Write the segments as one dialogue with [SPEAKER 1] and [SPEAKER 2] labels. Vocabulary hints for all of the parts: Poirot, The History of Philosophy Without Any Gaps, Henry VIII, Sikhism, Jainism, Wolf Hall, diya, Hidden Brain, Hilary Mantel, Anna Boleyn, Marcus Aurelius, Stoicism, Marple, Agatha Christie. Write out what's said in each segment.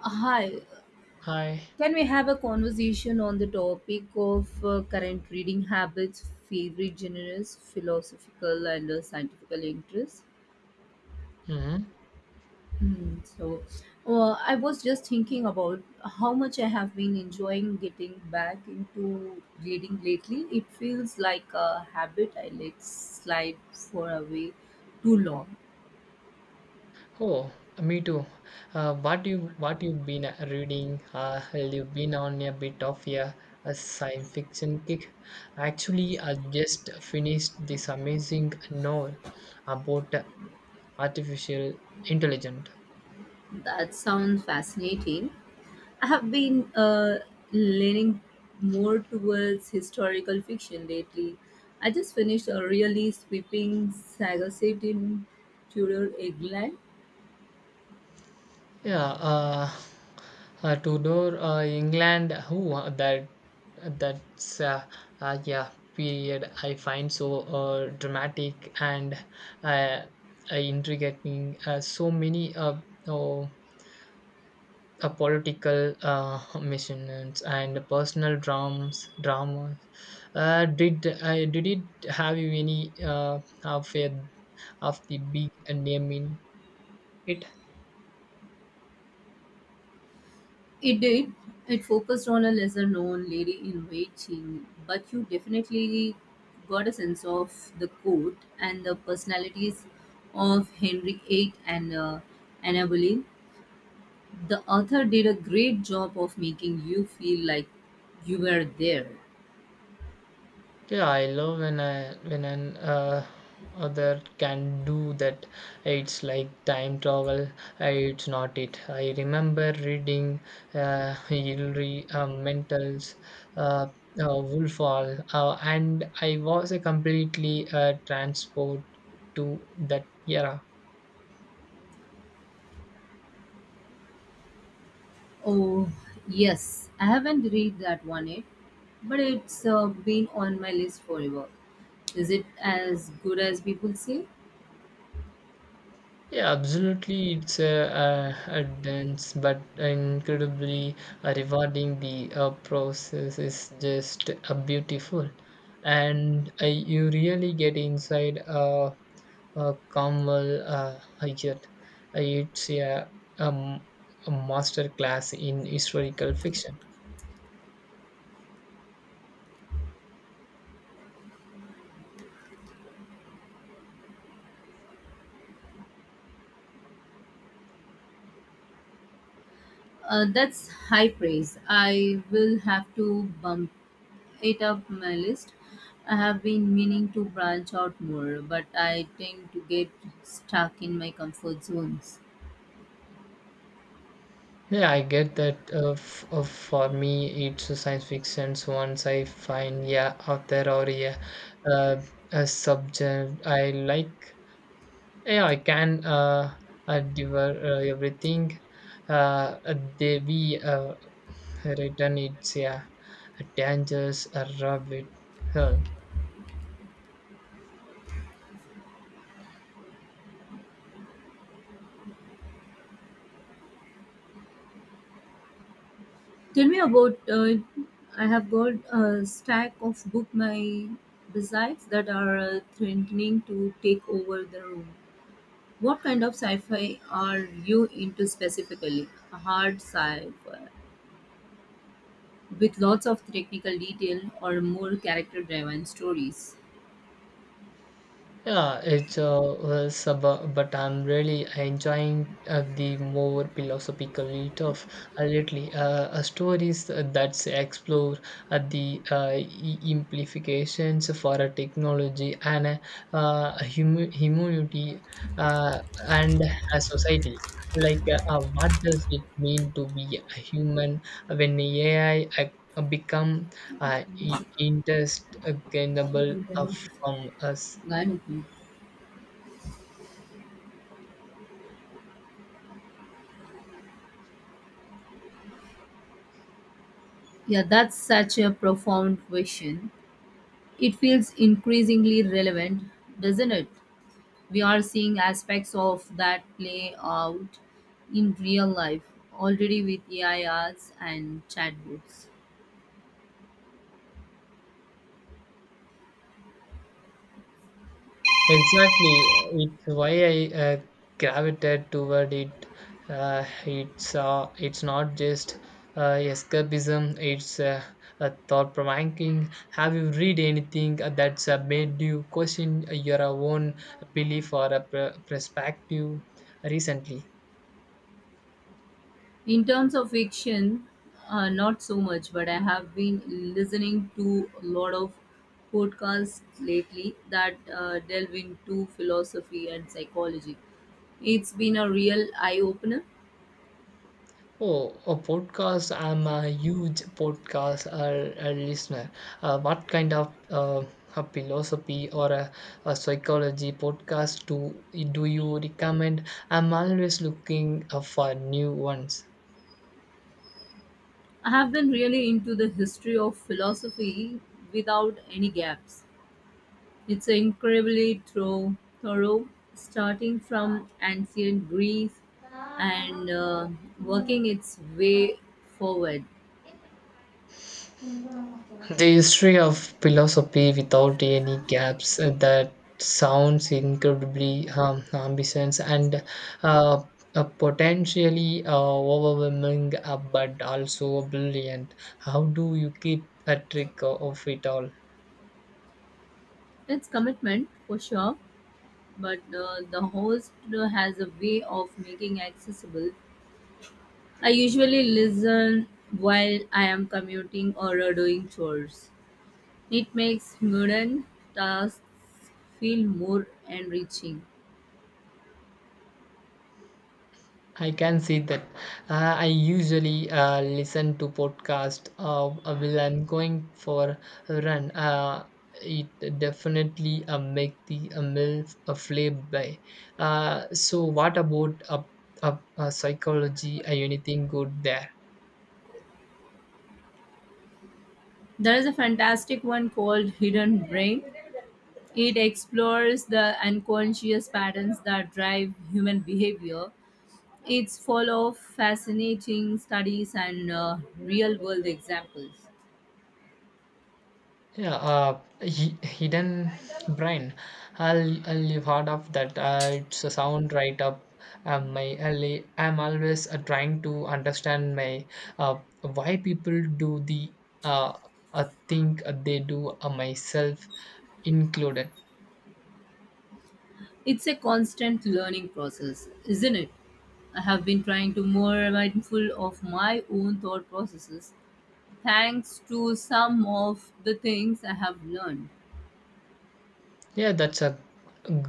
[SPEAKER 1] Hi,
[SPEAKER 2] Hi.
[SPEAKER 1] can we have a conversation on the topic of current reading habits, favorite genres, philosophical and scientific interests?
[SPEAKER 2] hmm
[SPEAKER 1] Hmm. So, I was just thinking about how much I have been enjoying getting back into reading lately. It feels like a habit I let slide for away too long.
[SPEAKER 2] Oh, me too. What you what you've been reading? Well, you've been on a bit of a science fiction kick. Actually, I just finished this amazing novel about artificial intelligence.
[SPEAKER 1] That sounds fascinating. I have been leaning more towards historical fiction lately. I just finished a really sweeping saga set in Tudor England.
[SPEAKER 2] Yeah, Tudor England. Who that? That's yeah. Period. I find so dramatic and uh, intriguing. So many oh, political missions and personal dramas. Dramas. Did it have you any of the big name in it?
[SPEAKER 1] It did. It focused on a lesser known lady in waiting, but you definitely got a sense of the court and the personalities of Henry VIII and Anna Boleyn. The author did a great job of making you feel like you were there.
[SPEAKER 2] Yeah, I love when an other can do that. It's like time travel. It's not it. I remember reading Hilary Mantel's uh, Wolf Hall, and I was completely transport to that era.
[SPEAKER 1] Oh, yes, I haven't read that one yet, but it's been on my list forever. Is it as good as people say?
[SPEAKER 2] Yeah, absolutely. It's a dense but incredibly rewarding. The process is just beautiful, and you really get inside a Kamal Hajat. Uh, It's a, um, a master class in historical fiction.
[SPEAKER 1] That's high praise. I will have to bump it up my list. I have been meaning to branch out more, but I tend to get stuck in my comfort zones.
[SPEAKER 2] Yeah, I get that. For me, it's a science fiction. Once I find yeah author or yeah uh, a subject I like, yeah, I can devour everything. They be written it's yeah dangerous rabbit hole.
[SPEAKER 1] Tell me about I have got a stack of book my besides that are threatening to take over the room. What kind of sci-fi are you into specifically? A hard sci-fi with lots of technical detail or more character-driven stories?
[SPEAKER 2] Yeah, it's but I'm really enjoying the more philosophical tough lately. Stories that explore the implications for a technology and humanity uh, and a society. Like, what does it mean to be a human when AI become uh, i- interest- uh, uh, from us?
[SPEAKER 1] Got Yeah, that's such a profound question. It feels increasingly relevant, doesn't it? We are seeing aspects of that play out in real life already with AI arts and chatbots.
[SPEAKER 2] Exactly, it's why I gravitated toward it. It's not just escapism; it's a thought provoking. Have you read anything that's made you question your own belief or a perspective recently?
[SPEAKER 1] In terms of fiction, not so much, but I have been listening to a lot of podcasts lately that delve into philosophy and psychology. It's been a real eye opener.
[SPEAKER 2] Oh, a podcast. I'm a huge podcast listener. What kind of a philosophy or a psychology podcast do you recommend? I'm always looking for new ones.
[SPEAKER 1] I have been really into the history of philosophy without any gaps. It's incredibly thorough, thorough starting from ancient Greece and working its way forward.
[SPEAKER 2] The history of philosophy without any gaps, that sounds incredibly ambitious and uh, potentially overwhelming, but also brilliant. How do you keep a trick of it all?
[SPEAKER 1] It's commitment for sure, but the host has a way of making accessible. I usually listen while I am commuting or doing chores. It makes mundane tasks feel more enriching.
[SPEAKER 2] I can see that. I usually listen to podcast while I'm going for a run. It definitely make the meal a flip by. So what about a psychology? Anything good there?
[SPEAKER 1] There is a fantastic one called Hidden Brain. It explores the unconscious patterns that drive human behavior. It's full of fascinating studies and real world examples.
[SPEAKER 2] Yeah, hidden brain. I'll have heard of that. It's a sound right up my alley. I'm always trying to understand my why people do the uh, think they do myself included.
[SPEAKER 1] It's a constant learning process, isn't it? I have been trying to more mindful of my own thought processes thanks to some of the things I have learned.
[SPEAKER 2] Yeah, that's a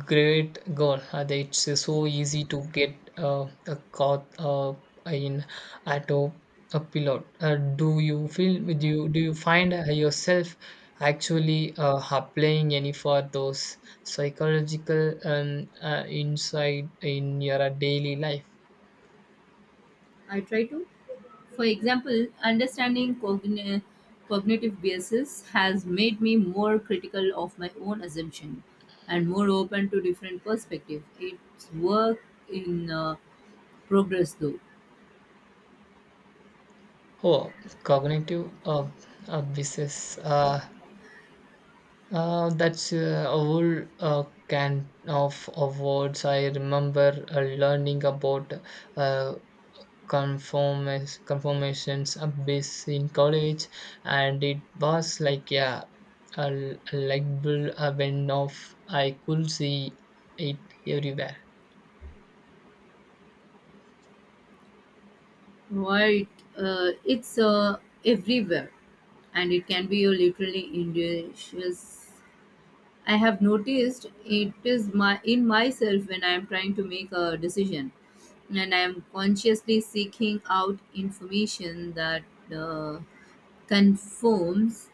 [SPEAKER 2] great goal. That it's so easy to get a caught in auto a pilot. Do you feel? Do you find yourself actually applying any for those psychological insight in your daily life?
[SPEAKER 1] I try to. For example, understanding cognitive biases has made me more critical of my own assumption and more open to different perspective. It's work in progress, though.
[SPEAKER 2] Oh, cognitive business. That's a whole can of words. I remember learning about uh, conformations abyss in college, and it was like yeah, a light bulb went off. I could see it everywhere.
[SPEAKER 1] Right? It's everywhere, and it can be a literally indigenous. I have noticed it is my in myself when I am trying to make a decision, and I am consciously seeking out information that uh, confirms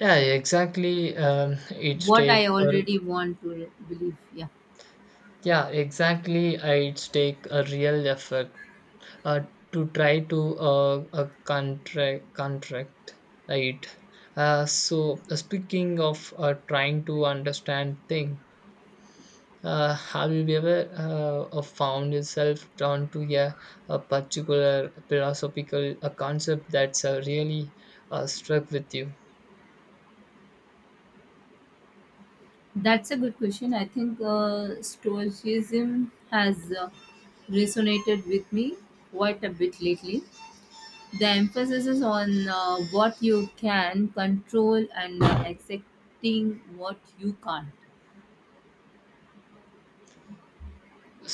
[SPEAKER 2] Yeah, exactly. It's
[SPEAKER 1] what
[SPEAKER 2] take
[SPEAKER 1] I
[SPEAKER 2] or
[SPEAKER 1] already want to believe. Yeah,
[SPEAKER 2] yeah, exactly. It's take a real effort uh, to try to contract it. So speaking of trying to understand thing, have you ever found yourself drawn to a particular philosophical a concept that's really struck with you?
[SPEAKER 1] that's a good question. I think Stoicism has resonated with me quite a bit lately. The emphasis is on what you can control and accepting what you can't.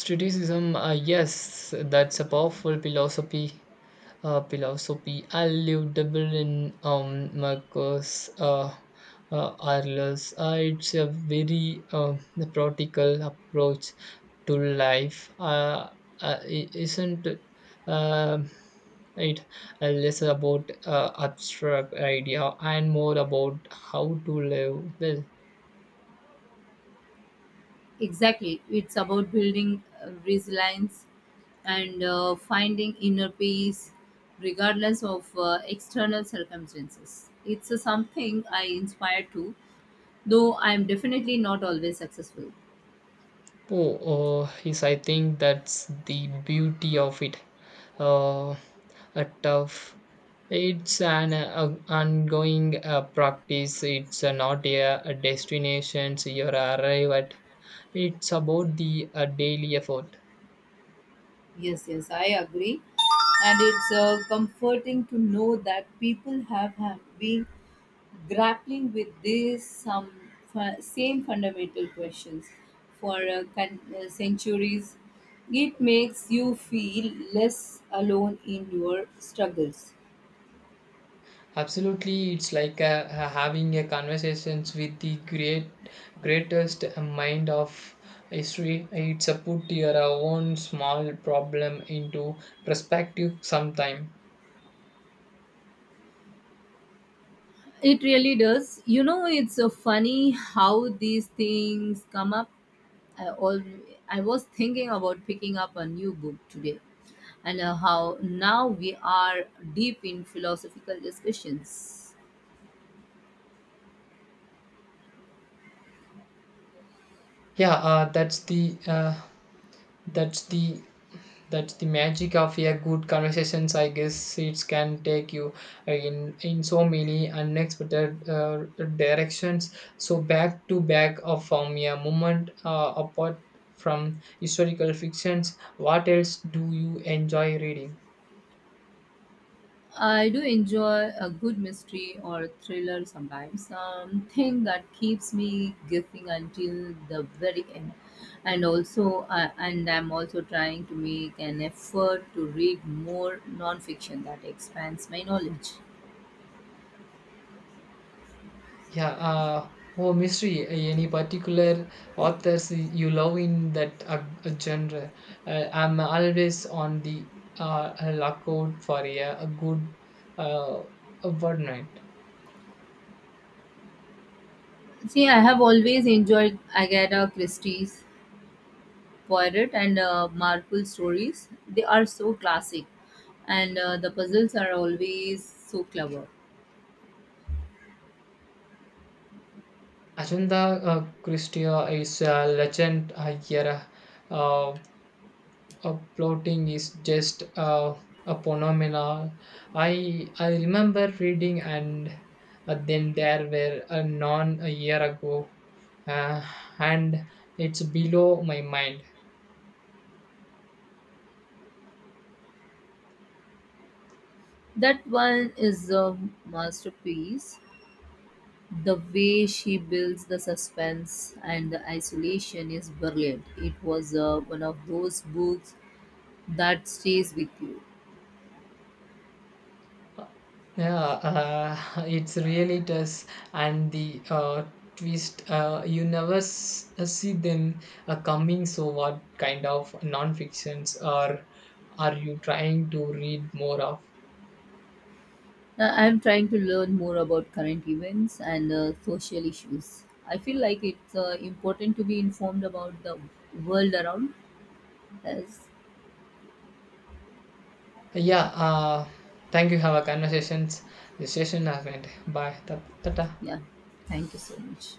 [SPEAKER 2] Stoicism, yes, that's a powerful philosophy. I lived double in Marcos Aurelius. It's a very practical approach to life. Isn't uh, it less about abstract idea and more about how to live well?
[SPEAKER 1] Exactly. It's about building resilience and finding inner peace regardless of external circumstances. It's something I inspire to, though I'm definitely not always successful.
[SPEAKER 2] Oh, yes, I think that's the beauty of it. Uh, a tough It's an ongoing practice. It's not a destination so you arrive at. It's about the daily effort.
[SPEAKER 1] Yes, yes, I agree. And it's comforting to know that people have been grappling with these same fundamental questions for centuries. It makes you feel less alone in your struggles.
[SPEAKER 2] Absolutely, it's like having a conversations with the greatest mind of history. It's a put your own small problem into perspective sometime.
[SPEAKER 1] It really does. You know, it's so funny how these things come up. I, all, I was thinking about picking up a new book today and how now we are deep in philosophical discussions.
[SPEAKER 2] Yeah, that's the that's the that's the magic of a good conversations, I guess. It can take you in so many unexpected directions. So back to back of from a moment, apart from historical fictions, what else do you enjoy reading?
[SPEAKER 1] I do enjoy a good mystery or thriller sometimes. Something that keeps me guessing until the very end. And also, I'm also trying to make an effort to read more nonfiction that expands my knowledge.
[SPEAKER 2] Yeah, oh, mystery. Any particular authors you love in that genre? I'm always on the lookout for a good uh, a word night.
[SPEAKER 1] See, I have always enjoyed Agatha Christie's Poirot and Marple stories. They are so classic, and the puzzles are always so clever.
[SPEAKER 2] Agenda Christia is a legend here. Uh, Plotting is just a phenomenon. I remember reading And Then There Were a Non a year ago, uh, and it's below my mind.
[SPEAKER 1] That one is a masterpiece. The way she builds the suspense and the isolation is brilliant. It was one of those books that stays with you.
[SPEAKER 2] Yeah, it's really does, and the twist you never see them coming. So, what kind of non-fictions are you trying to read more of?
[SPEAKER 1] I'm trying to learn more about current events and social issues. I feel like it's important to be informed about the world around us.
[SPEAKER 2] Yeah, thank you. Have a conversations. The session has ended. Bye. Tata.
[SPEAKER 1] Yeah, thank you so much.